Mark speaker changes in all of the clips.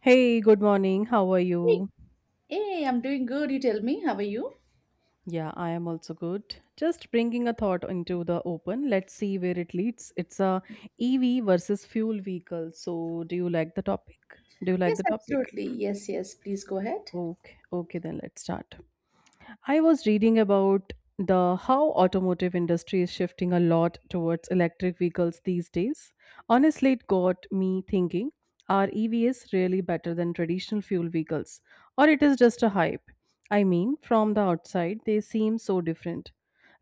Speaker 1: Hey, good morning. How are
Speaker 2: Hey,
Speaker 1: you?
Speaker 2: hey, I'm doing good. You tell me, how are you?
Speaker 1: Yeah, I am also good. Just bringing a thought into the open. Let's see where it leads. It's a EV versus fuel vehicle. So, Do you like
Speaker 2: Yes,
Speaker 1: the topic?
Speaker 2: absolutely. Yes, yes. Please go ahead.
Speaker 1: Okay, okay, then let's start. I was reading about the how automotive industry is shifting a lot towards electric vehicles these days. Honestly, it got me thinking, are EVs really better than traditional fuel vehicles or it is just a hype? I mean, from the outside they seem so different.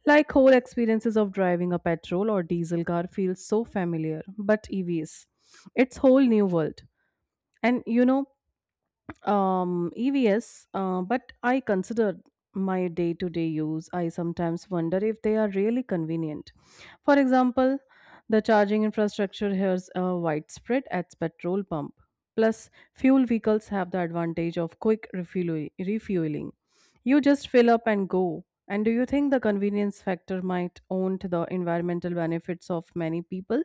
Speaker 1: Like whole experiences of driving a petrol or diesel car feels so familiar, but EVs, it's whole new world. And EVS, but I consider my day to day use. I sometimes wonder if they are really convenient. For example, the charging infrastructure here is widespread at petrol pump. Plus, fuel vehicles have the advantage of quick refueling. You just fill up and go. And do you think the convenience factor might own to the environmental benefits of many people?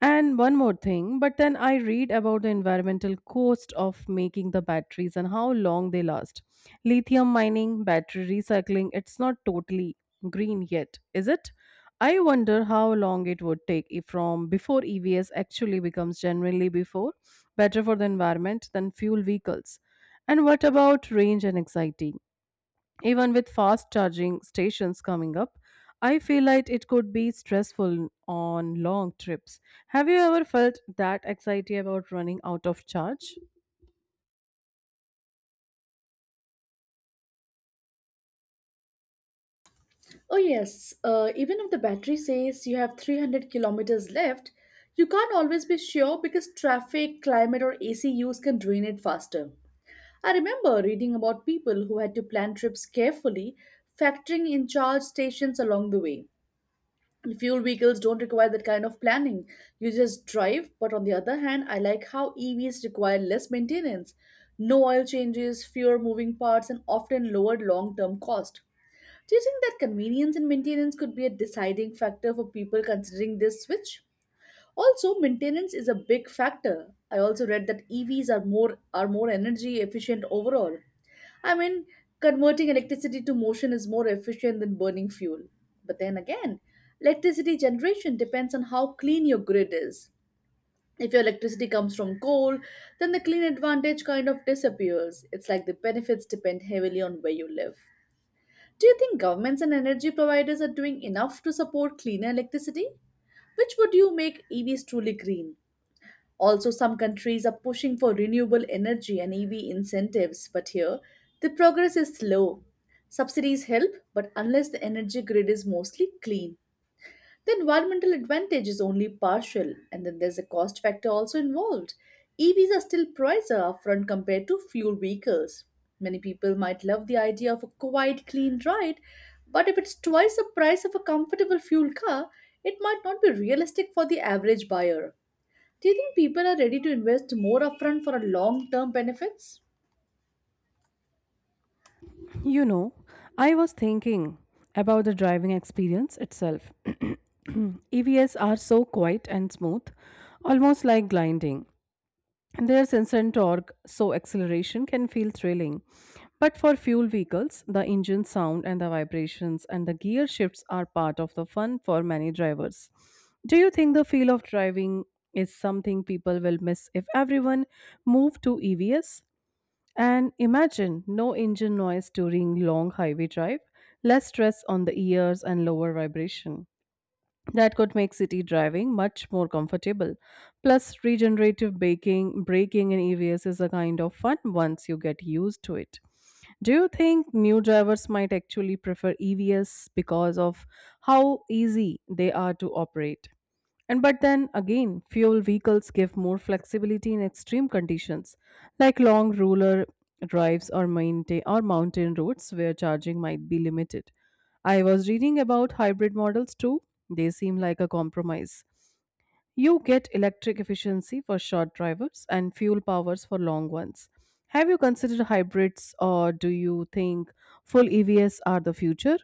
Speaker 1: And one more thing, but then I read about the environmental cost of making the batteries and how long they last. Lithium mining, battery recycling, it's not totally green yet, is it? I wonder how long it would take if from before EVs actually becomes generally before better for the environment than fuel vehicles. And what about range and anxiety? Even with fast charging stations coming up, I feel like it could be stressful on long trips. Have you ever felt that anxiety about running out of charge?
Speaker 2: Oh, yes. Even if the battery says you have 300 kilometers left, you can't always be sure because traffic, climate, or AC use can drain it faster. I remember reading about people who had to plan trips carefully, factoring in charge stations along the way. Fuel vehicles don't require that kind of planning. You just drive. But on the other hand, I like how EVs require less maintenance, no oil changes, fewer moving parts, and often lower long term cost. Do you think that convenience and maintenance could be a deciding factor for people considering this switch? Also, maintenance is a big factor. I also read that EVs are more energy efficient overall. I mean, converting electricity to motion is more efficient than burning fuel. But then again, electricity generation depends on how clean your grid is. If your electricity comes from coal, then the clean advantage kind of disappears. It's like the benefits depend heavily on where you live. Do you think governments and energy providers are doing enough to support cleaner electricity? Which would you make EVs truly green? Also, some countries are pushing for renewable energy and EV incentives, but here the progress is slow. Subsidies help, but unless the energy grid is mostly clean, the environmental advantage is only partial, and then there's a cost factor also involved. EVs are still pricier upfront compared to fuel vehicles. Many people might love the idea of a quiet, clean ride, but if it's twice the price of a comfortable fuel car, it might not be realistic for the average buyer. Do you think people are ready to invest more upfront for a long-term benefits?
Speaker 1: You know, I was thinking about the driving experience itself. EVs are so quiet and smooth, almost like gliding. There's instant torque, so acceleration can feel thrilling. But for fuel vehicles, the engine sound and the vibrations and the gear shifts are part of the fun for many drivers. Do you think the feel of driving is something people will miss if everyone move to EVs? And imagine no engine noise during long highway drive, less stress on the ears and lower vibration. That could make city driving much more comfortable. Plus, regenerative braking in EVs is a kind of fun once you get used to it. Do you think new drivers might actually prefer EVs because of how easy they are to operate? And but then again, fuel vehicles give more flexibility in extreme conditions, like long rural drives or maintain or mountain roads where charging might be limited. I was reading about hybrid models too. They seem like a compromise. You get electric efficiency for short drivers and fuel powers for long ones. Have you considered hybrids or do you think full EVs are the future?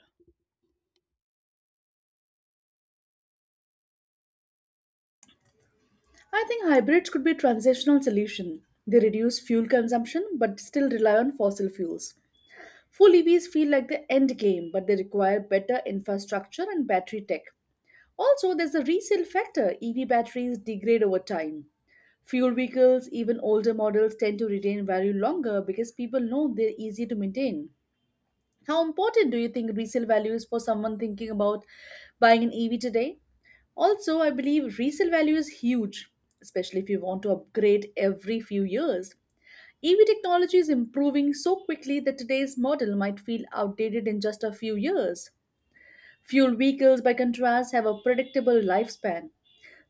Speaker 2: I think hybrids could be a transitional solution. They reduce fuel consumption but still rely on fossil fuels. Full EVs feel like the end game, but they require better infrastructure and battery tech. Also, there's the resale factor. EV batteries degrade over time. Fuel vehicles, even older models, tend to retain value longer because people know they're easy to maintain. How important do you think resale value is for someone thinking about buying an EV today? Also, I believe resale value is huge, especially if you want to upgrade every few years. EV technology is improving so quickly that today's model might feel outdated in just a few years. Fuel vehicles, by contrast, have a predictable lifespan.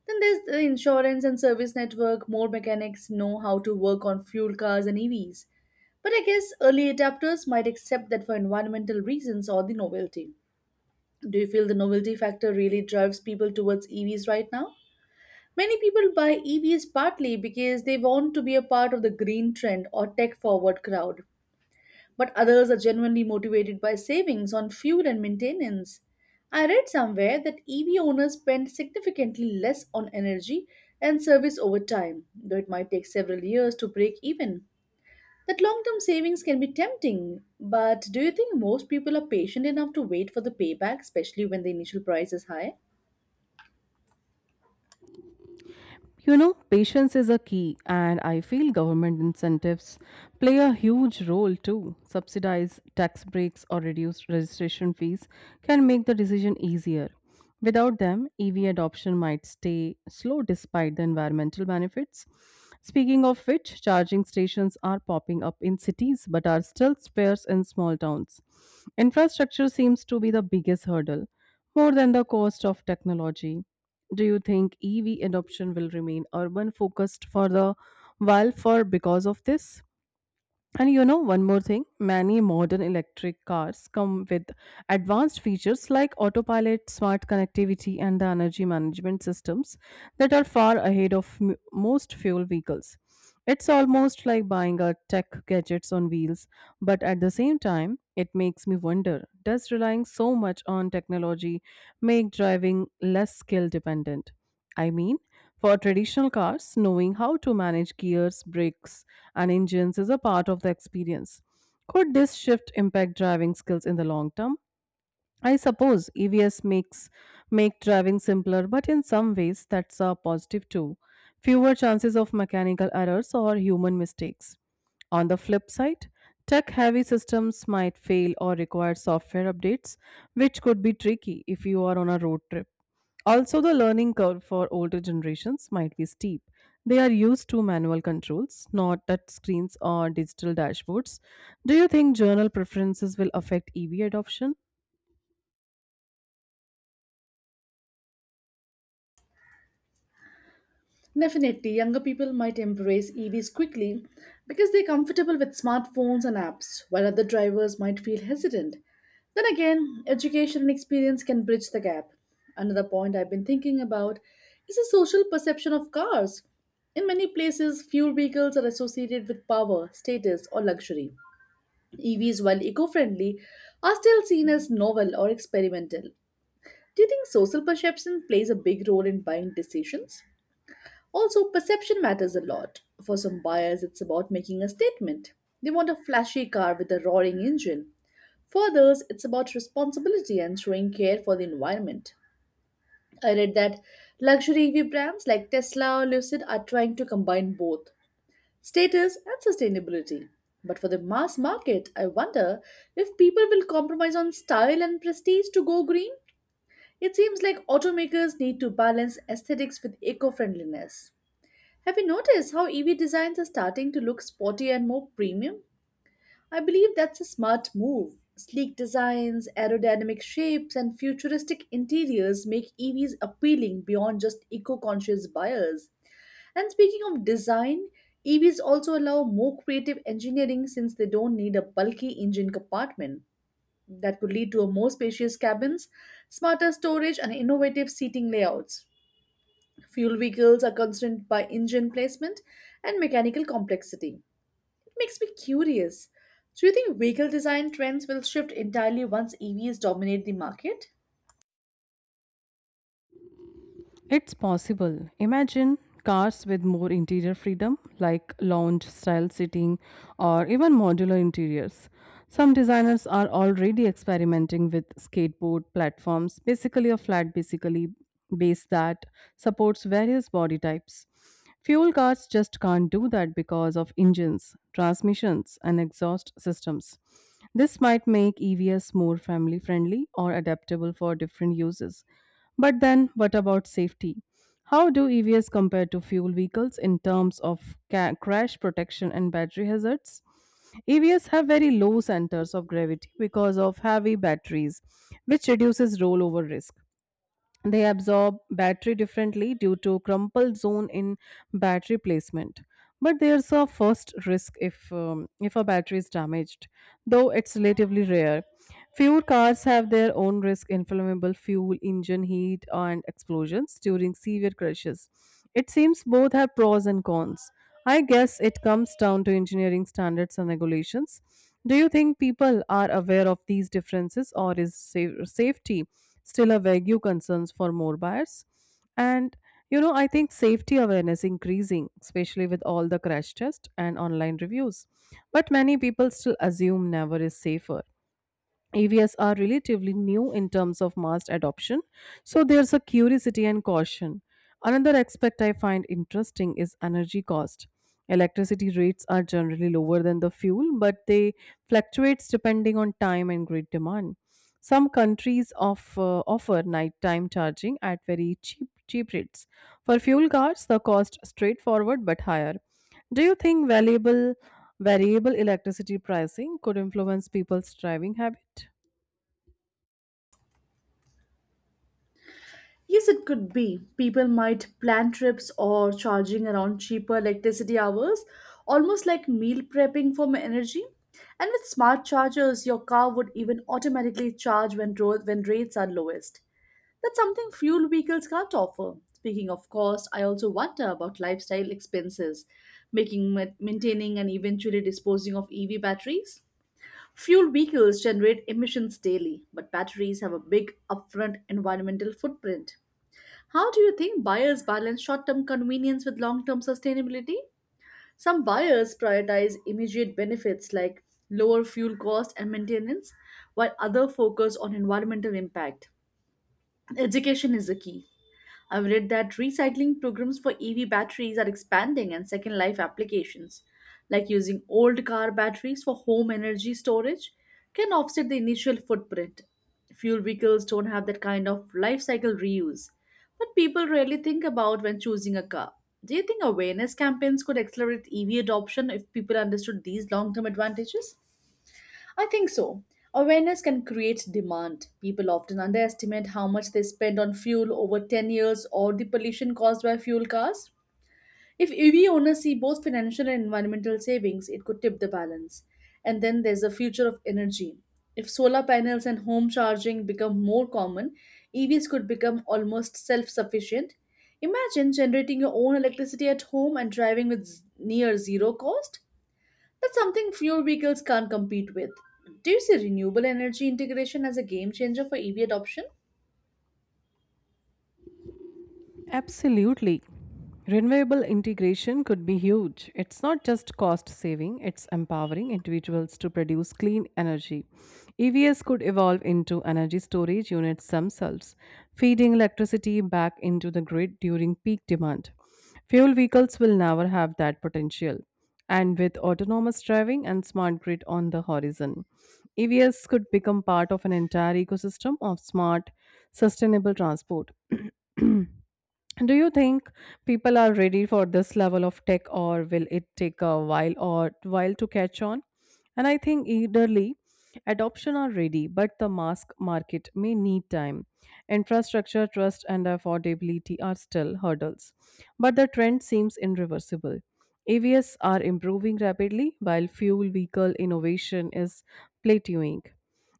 Speaker 2: Then there's the insurance and service network. More mechanics know how to work on fuel cars and EVs. But I guess early adapters might accept that for environmental reasons or the novelty. Do you feel the novelty factor really drives people towards EVs right now? Many people buy EVs partly because they want to be a part of the green trend or tech forward crowd, but others are genuinely motivated by savings on fuel and maintenance. I read somewhere that EV owners spend significantly less on energy and service over time, though it might take several years to break even. That long term savings can be tempting, but do you think most people are patient enough to wait for the payback, especially when the initial price is high?
Speaker 1: Patience is a key, and I feel government incentives play a huge role too. Subsidized tax breaks or reduced registration fees can make the decision easier. Without them, EV adoption might stay slow despite the environmental benefits. Speaking of which, charging stations are popping up in cities but are still sparse in small towns. Infrastructure seems to be the biggest hurdle, more than the cost of technology. Do you think EV adoption will remain urban focused for the while for because of this? And one more thing many modern electric cars come with advanced features like autopilot, smart connectivity, and the energy management systems that are far ahead of most fuel vehicles. It's almost like buying a tech gadgets on wheels, but at the same time, it makes me wonder does relying so much on technology make driving less skill dependent? I mean, for traditional cars, knowing how to manage gears, brakes, and engines is a part of the experience. Could this shift impact driving skills in the long term? I suppose EVs make driving simpler, but in some ways that's a positive too. Fewer chances of mechanical errors or human mistakes. On the flip side, tech heavy systems might fail or require software updates, which could be tricky if you are on a road trip. Also, the learning curve for older generations might be steep. They are used to manual controls, not touch screens or digital dashboards. Do you think journal preferences will affect EV adoption?
Speaker 2: Definitely, younger people might embrace EVs quickly because they're comfortable with smartphones and apps, while other drivers might feel hesitant. Then again, education and experience can bridge the gap. Another point I've been thinking about is the social perception of cars. In many places, fuel vehicles are associated with power, status, or luxury. EVs, while eco friendly, are still seen as novel or experimental. Do you think social perception plays a big role in buying decisions? Also, perception matters a lot. For some buyers, it's about making a statement. They want a flashy car with a roaring engine. For others, it's about responsibility and showing care for the environment. I read that luxury EV brands like Tesla or Lucid are trying to combine both status and sustainability. But for the mass market, I wonder if people will compromise on style and prestige to go green. It seems like automakers need to balance aesthetics with eco friendliness. Have you noticed how EV designs are starting to look sporty and more premium? I believe that's a smart move. Sleek designs, aerodynamic shapes, and futuristic interiors make EVs appealing beyond just eco conscious buyers. And speaking of design, EVs also allow more creative engineering since they don't need a bulky engine compartment. That could lead to a more spacious cabins, smarter storage, and innovative seating layouts. Fuel vehicles are constrained by engine placement and mechanical complexity. It makes me curious. Do you think vehicle design trends will shift entirely once EVs dominate the market?
Speaker 1: It's possible. Imagine cars with more interior freedom, like lounge style seating or even modular interiors. Some designers are already experimenting with skateboard platforms, basically a flat basically base that supports various body types. Fuel cars just can't do that because of engines, transmissions, and exhaust systems. This might make EVs more family friendly or adaptable for different uses. But then, what about safety? How do EVs compare to fuel vehicles in terms of crash protection and battery hazards? EVs have very low centers of gravity because of heavy batteries, which reduces rollover risk. They absorb battery differently due to crumple zone in battery placement, but there's a first risk if a battery is damaged, though it's relatively rare. Fewer cars have their own risk inflammable fuel engine heat and explosions during severe crashes. It seems both have pros and cons. I guess it comes down to engineering standards and regulations. Do you think people are aware of these differences, or is safety still a vague concern for more buyers? And I think safety awareness increasing, especially with all the crash tests and online reviews. But many people still assume never is safer. AVs are relatively new in terms of mass adoption, so there's a curiosity and caution. Another aspect I find interesting is energy cost. Electricity rates are generally lower than the fuel, but they fluctuates depending on time and grid demand. Some countries offer nighttime charging at very cheap rates. For fuel cars, the cost straightforward but higher. Do you think valuable variable electricity pricing could influence people's driving habit?
Speaker 2: Yes, it could be. People might plan trips or charging around cheaper electricity hours, almost like meal prepping for my energy. And with smart chargers, your car would even automatically charge when rates are lowest. That's something fuel vehicles can't offer. Speaking of cost, I also wonder about lifestyle expenses, maintaining and eventually disposing of EV batteries. Fuel vehicles generate emissions daily, but batteries have a big upfront environmental footprint. How do you think buyers balance short-term convenience with long-term sustainability? Some buyers prioritize immediate benefits like lower fuel cost and maintenance, while others focus on environmental impact. Education is the key. I've read that recycling programs for EV batteries are expanding and second life applications, like using old car batteries for home energy storage, can offset the initial footprint. Fuel vehicles don't have that kind of life cycle reuse, but people rarely think about when choosing a car. Do you think awareness campaigns could accelerate EV adoption if people understood these long term advantages? I think so. Awareness can create demand. People often underestimate how much they spend on fuel over 10 years or the pollution caused by fuel cars. If EV owners see both financial and environmental savings, it could tip the balance. And then there's the future of energy. If solar panels and home charging become more common, EVs could become almost self sufficient. Imagine generating your own electricity at home and driving with near zero cost. That's something fuel vehicles can't compete with. Do you see renewable energy integration as a game changer for EV adoption?
Speaker 1: Absolutely. Renewable integration could be huge. It's not just cost saving, it's empowering individuals to produce clean energy. EVs could evolve into energy storage units themselves, feeding electricity back into the grid during peak demand. Fuel vehicles will never have that potential. And with autonomous driving and smart grid on the horizon, EVs could become part of an entire ecosystem of smart, sustainable transport. Do you think people are ready for this level of tech or will it take a while or while to catch on? And I think eagerly adoption are ready, but the mask market may need time. Infrastructure, trust and affordability are still hurdles. But the trend seems irreversible. AVs are improving rapidly while fuel vehicle innovation is plateauing.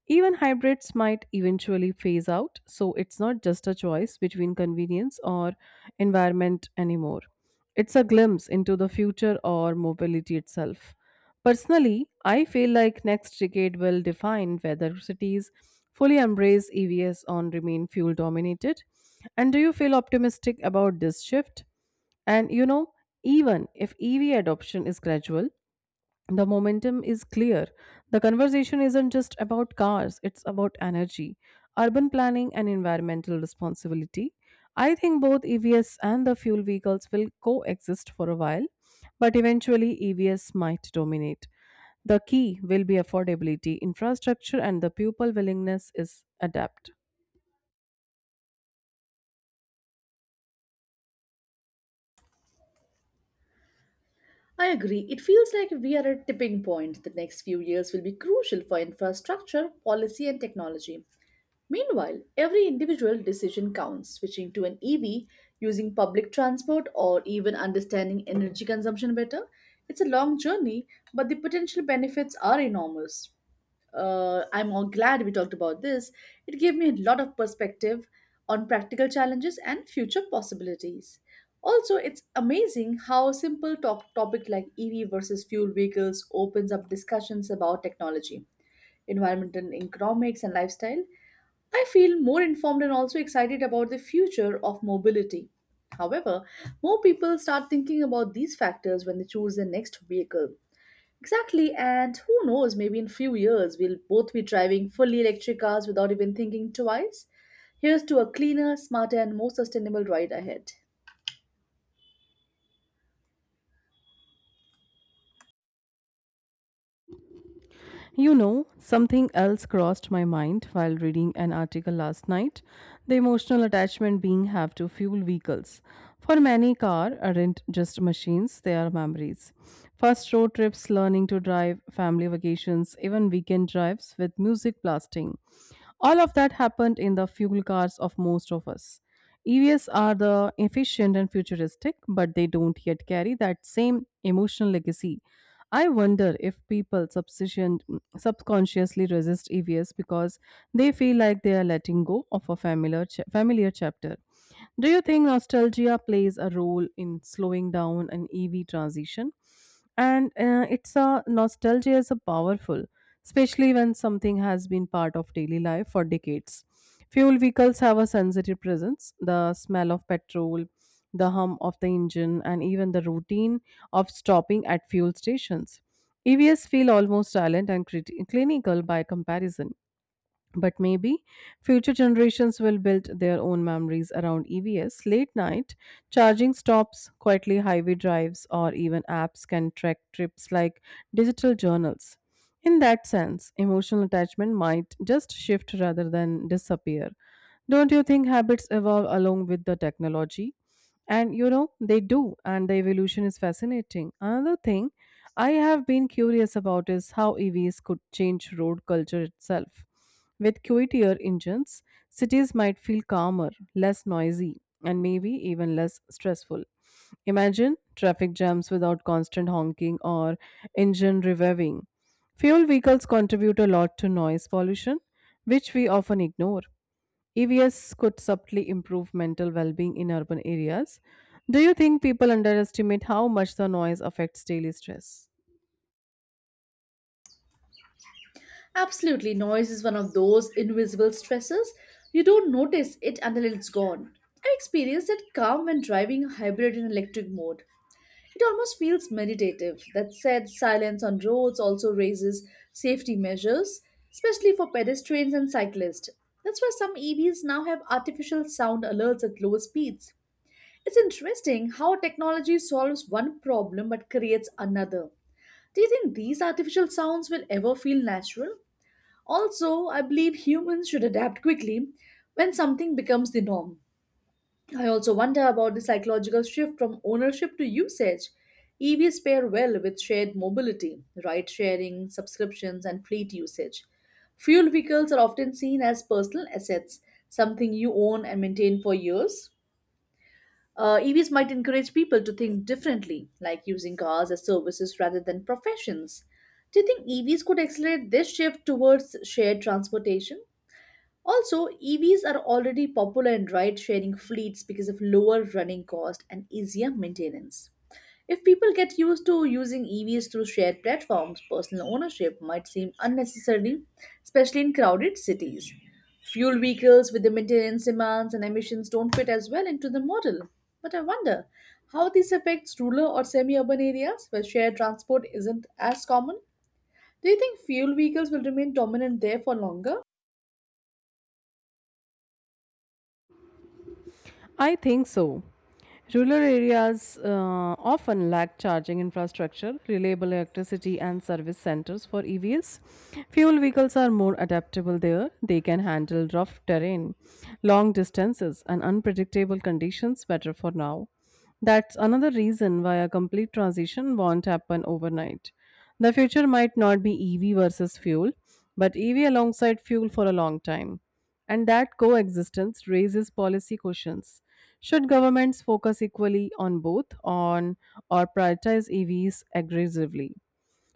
Speaker 1: Even hybrids might eventually phase out, so it's not just a choice between convenience or environment anymore. It's a glimpse into the future or mobility itself. Personally, I feel like next decade will define whether cities fully embrace EVs or remain fuel dominated. And do you feel optimistic about this shift? And even if EV adoption is gradual, the momentum is clear. The conversation isn't just about cars, it's about energy, urban planning, and environmental responsibility. I think both EVs and the fuel vehicles will coexist for a while, but eventually EVs might dominate. The key will be affordability, infrastructure, and the pupil willingness is adapt.
Speaker 2: I agree. It feels like we are at a tipping point. The next few years will be crucial for infrastructure, policy, and technology. Meanwhile, every individual decision counts. Switching to an EV, using public transport, or even understanding energy consumption better. It's a long journey, but the potential benefits are enormous. I'm all glad we talked about this. It gave me a lot of perspective on practical challenges and future possibilities. Also, it's amazing how a simple topic like EV versus fuel vehicles opens up discussions about technology, environment and economics, and lifestyle. I feel more informed and also excited about the future of mobility. However, more people start thinking about these factors when they choose their next vehicle. Exactly, and who knows, maybe in few years we'll both be driving fully electric cars without even thinking twice. Here's to a cleaner, smarter, and more sustainable ride ahead.
Speaker 1: Something else crossed my mind while reading an article last night the emotional attachment being have to fuel vehicles. For many, car aren't just machines, they are memories. First road trips, learning to drive, family vacations, even weekend drives with music blasting. All of that happened in the fuel cars of most of us. EVs are the efficient and futuristic, but they don't yet carry that same emotional legacy. I wonder if people subconsciously resist EVs because they feel like they are letting go of a familiar chapter. Do you think nostalgia plays a role in slowing down an EV transition? And it's a nostalgia is a powerful, especially when something has been part of daily life for decades. Fuel vehicles have a sensitive presence. The smell of petrol, the hum of the engine, and even the routine of stopping at fuel stations. EVs feel almost silent and clinical by comparison. But maybe future generations will build their own memories around EVs. Late night charging stops, quietly highway drives, or even apps can track trips like digital journals. In that sense, emotional attachment might just shift rather than disappear. Don't you think habits evolve along with the technology? And they do, and the evolution is fascinating. Another thing I have been curious about is how EVs could change road culture itself. With quieter engines, cities might feel calmer, less noisy, and maybe even less stressful. Imagine traffic jams without constant honking or engine revving. Fuel vehicles contribute a lot to noise pollution, which we often ignore. EVs could subtly improve mental well being in urban areas. Do you think people underestimate how much the noise affects daily stress?
Speaker 2: Absolutely, noise is one of those invisible stressors. You don't notice it until it's gone. I experienced it calm when driving a hybrid in electric mode. It almost feels meditative. That said, silence on roads also raises safety measures, especially for pedestrians and cyclists. That's why some EVs now have artificial sound alerts at lower speeds. It's interesting how technology solves one problem but creates another. Do you think these artificial sounds will ever feel natural? Also, I believe humans should adapt quickly when something becomes the norm. I also wonder about the psychological shift from ownership to usage. EVs pair well with shared mobility, ride sharing, subscriptions, and fleet usage. Fuel vehicles are often seen as personal assets, something you own and maintain for years. EVs might encourage people to think differently, like using cars as services rather than professions. Do you think EVs could accelerate this shift towards shared transportation? Also, EVs are already popular in ride sharing fleets because of lower running cost and easier maintenance. If people get used to using EVs through shared platforms, personal ownership might seem unnecessary, especially in crowded cities. Fuel vehicles with the maintenance demands and emissions don't fit as well into the model. But I wonder how this affects rural or semi urban areas where shared transport isn't as common. Do you think fuel vehicles will remain dominant there for longer?
Speaker 1: I think so. Rural areas often lack charging infrastructure, reliable electricity, and service centers for EVs. Fuel vehicles are more adaptable there. They can handle rough terrain, long distances, and unpredictable conditions better for now. That's another reason why a complete transition won't happen overnight. The future might not be EV versus fuel, but EV alongside fuel for a long time. And that coexistence raises policy questions. Should governments focus equally on both on or prioritize EVs aggressively?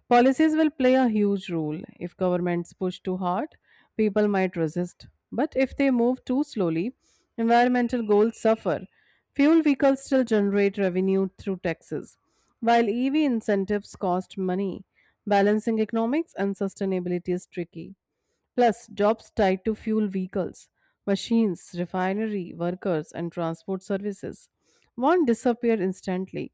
Speaker 1: Policies will play a huge role. If governments push too hard, people might resist. But if they move too slowly, environmental goals suffer. Fuel vehicles still generate revenue through taxes, while EV incentives cost money. Balancing economics and sustainability is tricky. Plus, jobs tied to fuel vehicles, machines, refinery workers, and transport services won't disappear instantly.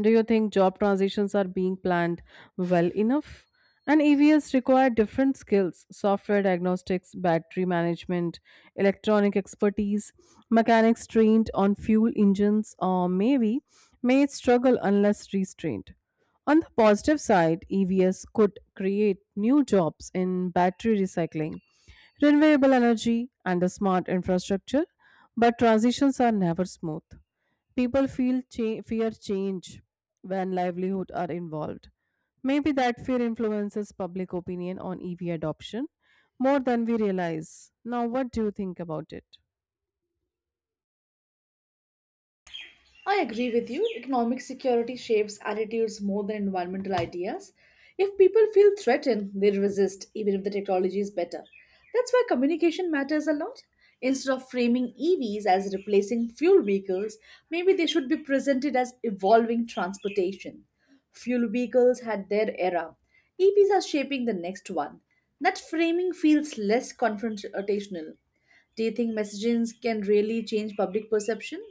Speaker 1: Do you think job transitions are being planned well enough? And EVs require different skills software diagnostics, battery management, electronic expertise, mechanics trained on fuel engines, or maybe may struggle unless restrained. On the positive side, EVs could create new jobs in battery recycling, renewable energy, and the smart infrastructure, but transitions are never smooth. People fear change when livelihood are involved. Maybe that fear influences public opinion on EV adoption more than we realize. Now, what do you think about it?
Speaker 2: I agree with you. Economic security shapes attitudes more than environmental ideas. If people feel threatened, they resist, even if the technology is better. That's why communication matters a lot. Instead of framing EVs as replacing fuel vehicles, maybe they should be presented as evolving transportation. Fuel vehicles had their era. EVs are shaping the next one. That framing feels less confrontational. Do you think messaging can really change public perception?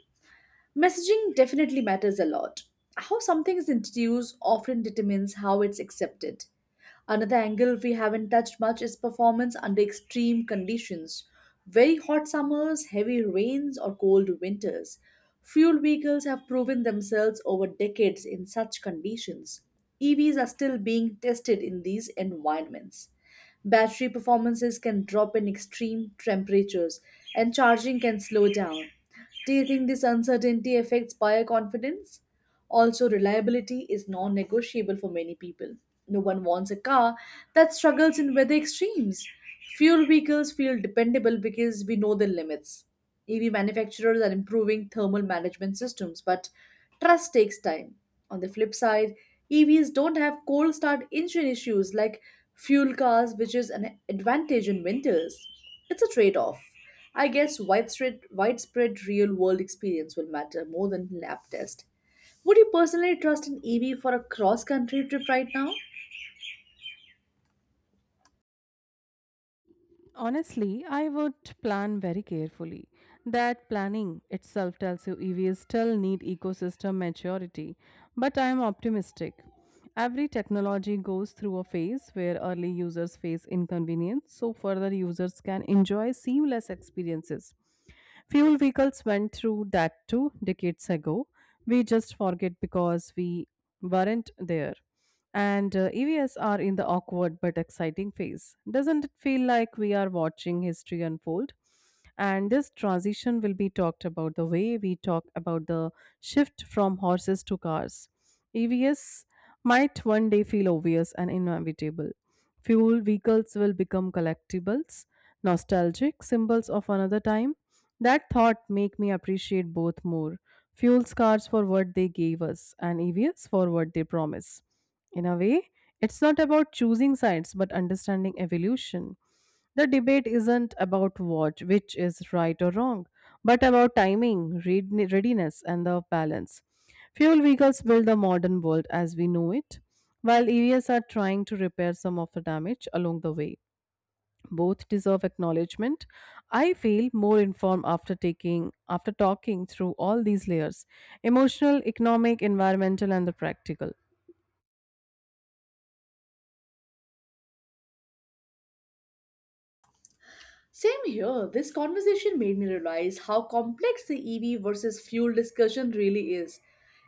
Speaker 2: Messaging definitely matters a lot. How something is introduced often determines how it's accepted. Another angle we haven't touched much is performance under extreme conditions. Very hot summers, heavy rains, or cold winters. Fuel vehicles have proven themselves over decades in such conditions. EVs are still being tested in these environments. Battery performances can drop in extreme temperatures, and charging can slow down. Do you think this uncertainty affects buyer confidence? Also, reliability is non negotiable for many people. No one wants a car that struggles in weather extremes. Fuel vehicles feel dependable because we know their limits. EV manufacturers are improving thermal management systems, but trust takes time. On the flip side, EVs don't have cold start engine issues like fuel cars, which is an advantage in winters. It's a trade off. I guess widespread real world experience will matter more than lab test. Would you personally trust an EV for a cross country trip right now?
Speaker 1: Honestly, I would plan very carefully. That planning itself tells you EVs still need ecosystem maturity, but I am optimistic. Every technology goes through a phase where early users face inconvenience, so further users can enjoy seamless experiences. Fuel vehicles went through that too decades ago. We just forget because we weren't there. And EVs are in the awkward but exciting phase. Doesn't it feel like we are watching history unfold? And this transition will be talked about the way we talk about the shift from horses to cars. EVs might one day feel obvious and inevitable. Fuel vehicles will become collectibles, nostalgic symbols of another time that thought make me appreciate both more. Fuel cars for what they gave us and EVs for what they promise. In a way, it's not about choosing sides but understanding evolution. The debate isn't about what which is right or wrong, but about timing, readiness and the balance. Fuel vehicles build the modern world as we know it, while EVs are trying to repair some of the damage along the way both deserve acknowledgement. I feel more informed after taking after talking through all these layers, emotional, economic, environmental and the practical.
Speaker 2: Same here. This conversation made me realize how complex the EV versus fuel discussion really is.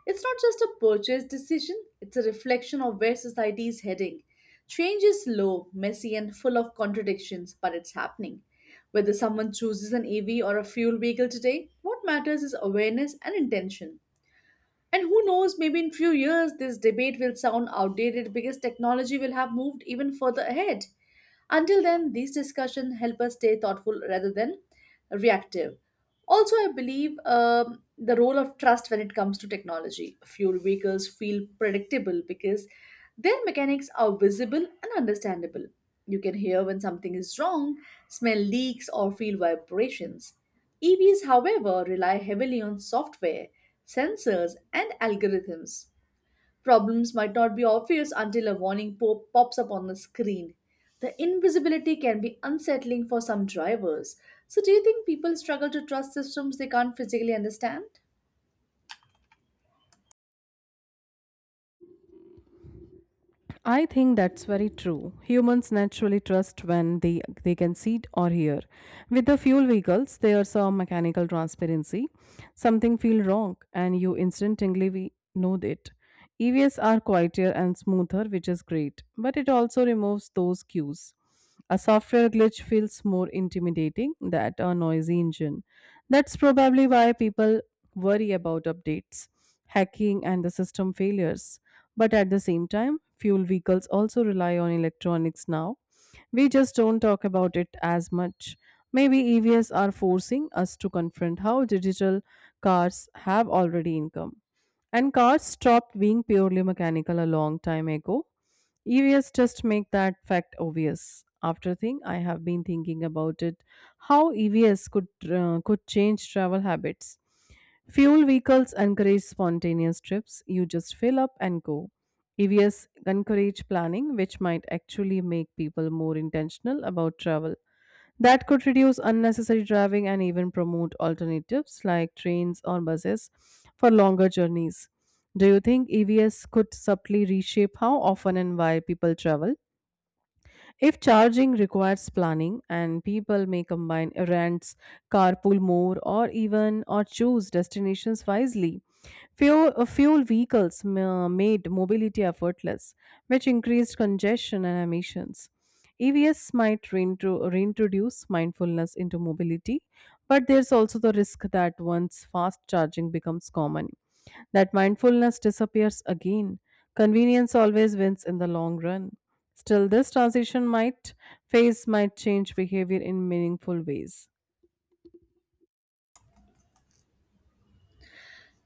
Speaker 2: It's not just a purchase decision, it's a reflection of where society is heading. Change is slow, messy, and full of contradictions, but it's happening. Whether someone chooses an EV or a fuel vehicle today, what matters is awareness and intention. And who knows, maybe in few years this debate will sound outdated because technology will have moved even further ahead. Until then, these discussions help us stay thoughtful rather than reactive. Also, I believe the role of trust when it comes to technology. Fuel vehicles feel predictable because their mechanics are visible and understandable. You can hear when something is wrong, smell leaks, or feel vibrations. EVs, however, rely heavily on software, sensors, and algorithms. Problems might not be obvious until a warning pops up on the screen. The invisibility can be unsettling for some drivers. So, do you think people struggle to trust systems they can't physically understand?
Speaker 1: I think that's very true. Humans naturally trust when they can see it or hear. With the fuel vehicles there's a mechanical transparency, something feel wrong and you instantly we know it. EVs are quieter and smoother, which is great, but it also removes those cues. A software glitch feels more intimidating than a noisy engine. That's probably why people worry about updates, hacking, and the system failures. But at the same time, fuel vehicles also rely on electronics now. We just don't talk about it as much. Maybe EVs are forcing us to confront how digital cars have already income. And cars stopped being purely mechanical a long time ago. EVS just make that fact obvious. After thing, I have been thinking about it, how EVS could change travel habits. Fuel vehicles encourage spontaneous trips. You just fill up and go. EVS encourage planning, which might actually make people more intentional about travel. That could reduce unnecessary driving and even promote alternatives like trains or buses for longer journeys. Do you think EVs could subtly reshape how often and why people travel? If charging requires planning and people may combine errands, carpool more or choose destinations wisely. Fuel vehicles made mobility effortless, which increased congestion and emissions. EVs might reintroduce mindfulness into mobility, but there's also the risk that once fast charging becomes common, that mindfulness disappears again. Convenience always wins in the long run. Still, this transition might phase might change behavior in meaningful ways.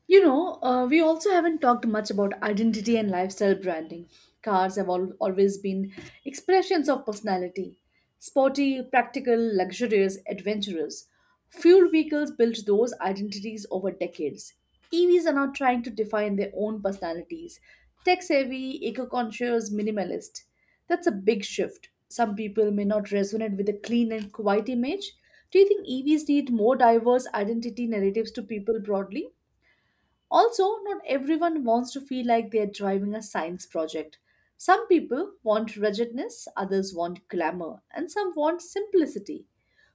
Speaker 2: You know, we also haven't talked much about identity and lifestyle branding. Cars have always been expressions of personality, sporty, practical, luxurious, adventurous. Fuel vehicles built those identities over decades. EVs are now trying to define their own personalities, tech savvy, eco conscious, minimalist. That's a big shift. Some people may not resonate with a clean and quiet image. Do you think EVs need more diverse identity narratives to people broadly? Also, not everyone wants to feel like they're driving a science project. Some people want ruggedness, others want glamour, and some want simplicity.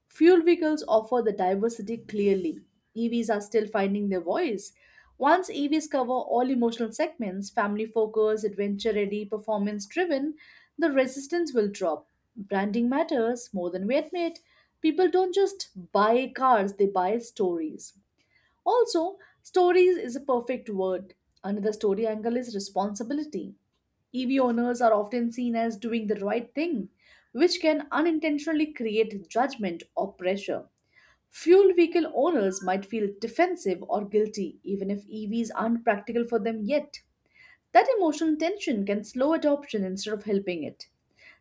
Speaker 2: Fuel vehicles offer the diversity clearly. EVs are still finding their voice. Once EVs cover all emotional segments, family focused, adventure ready, performance driven, the resistance will drop. Branding matters more than we admit. People don't just buy cars, they buy stories. Also, stories is a perfect word. Another story angle is responsibility. EV owners are often seen as doing the right thing, which can unintentionally create judgment or pressure. Fuel vehicle owners might feel defensive or guilty, even if EVs aren't practical for them yet. That emotional tension can slow adoption instead of helping it.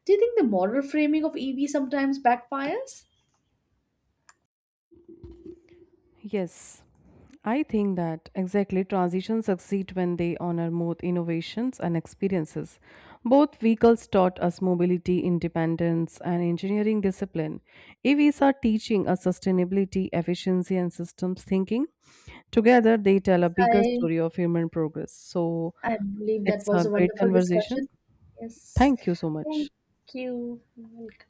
Speaker 2: Do you think the moral framing of EV sometimes backfires?
Speaker 1: Yes, I think that exactly transitions succeed when they honor both innovations and experiences. Both vehicles taught us mobility, independence, and engineering discipline. EVs are teaching us sustainability, efficiency, and systems thinking. Together, they tell a
Speaker 2: Yes,
Speaker 1: bigger
Speaker 2: I
Speaker 1: story of human progress. So,
Speaker 2: I believe that
Speaker 1: it's
Speaker 2: was
Speaker 1: a
Speaker 2: a
Speaker 1: great
Speaker 2: wonderful
Speaker 1: conversation.
Speaker 2: discussion. Yes.
Speaker 1: Thank you so much.
Speaker 2: Thank you. Welcome.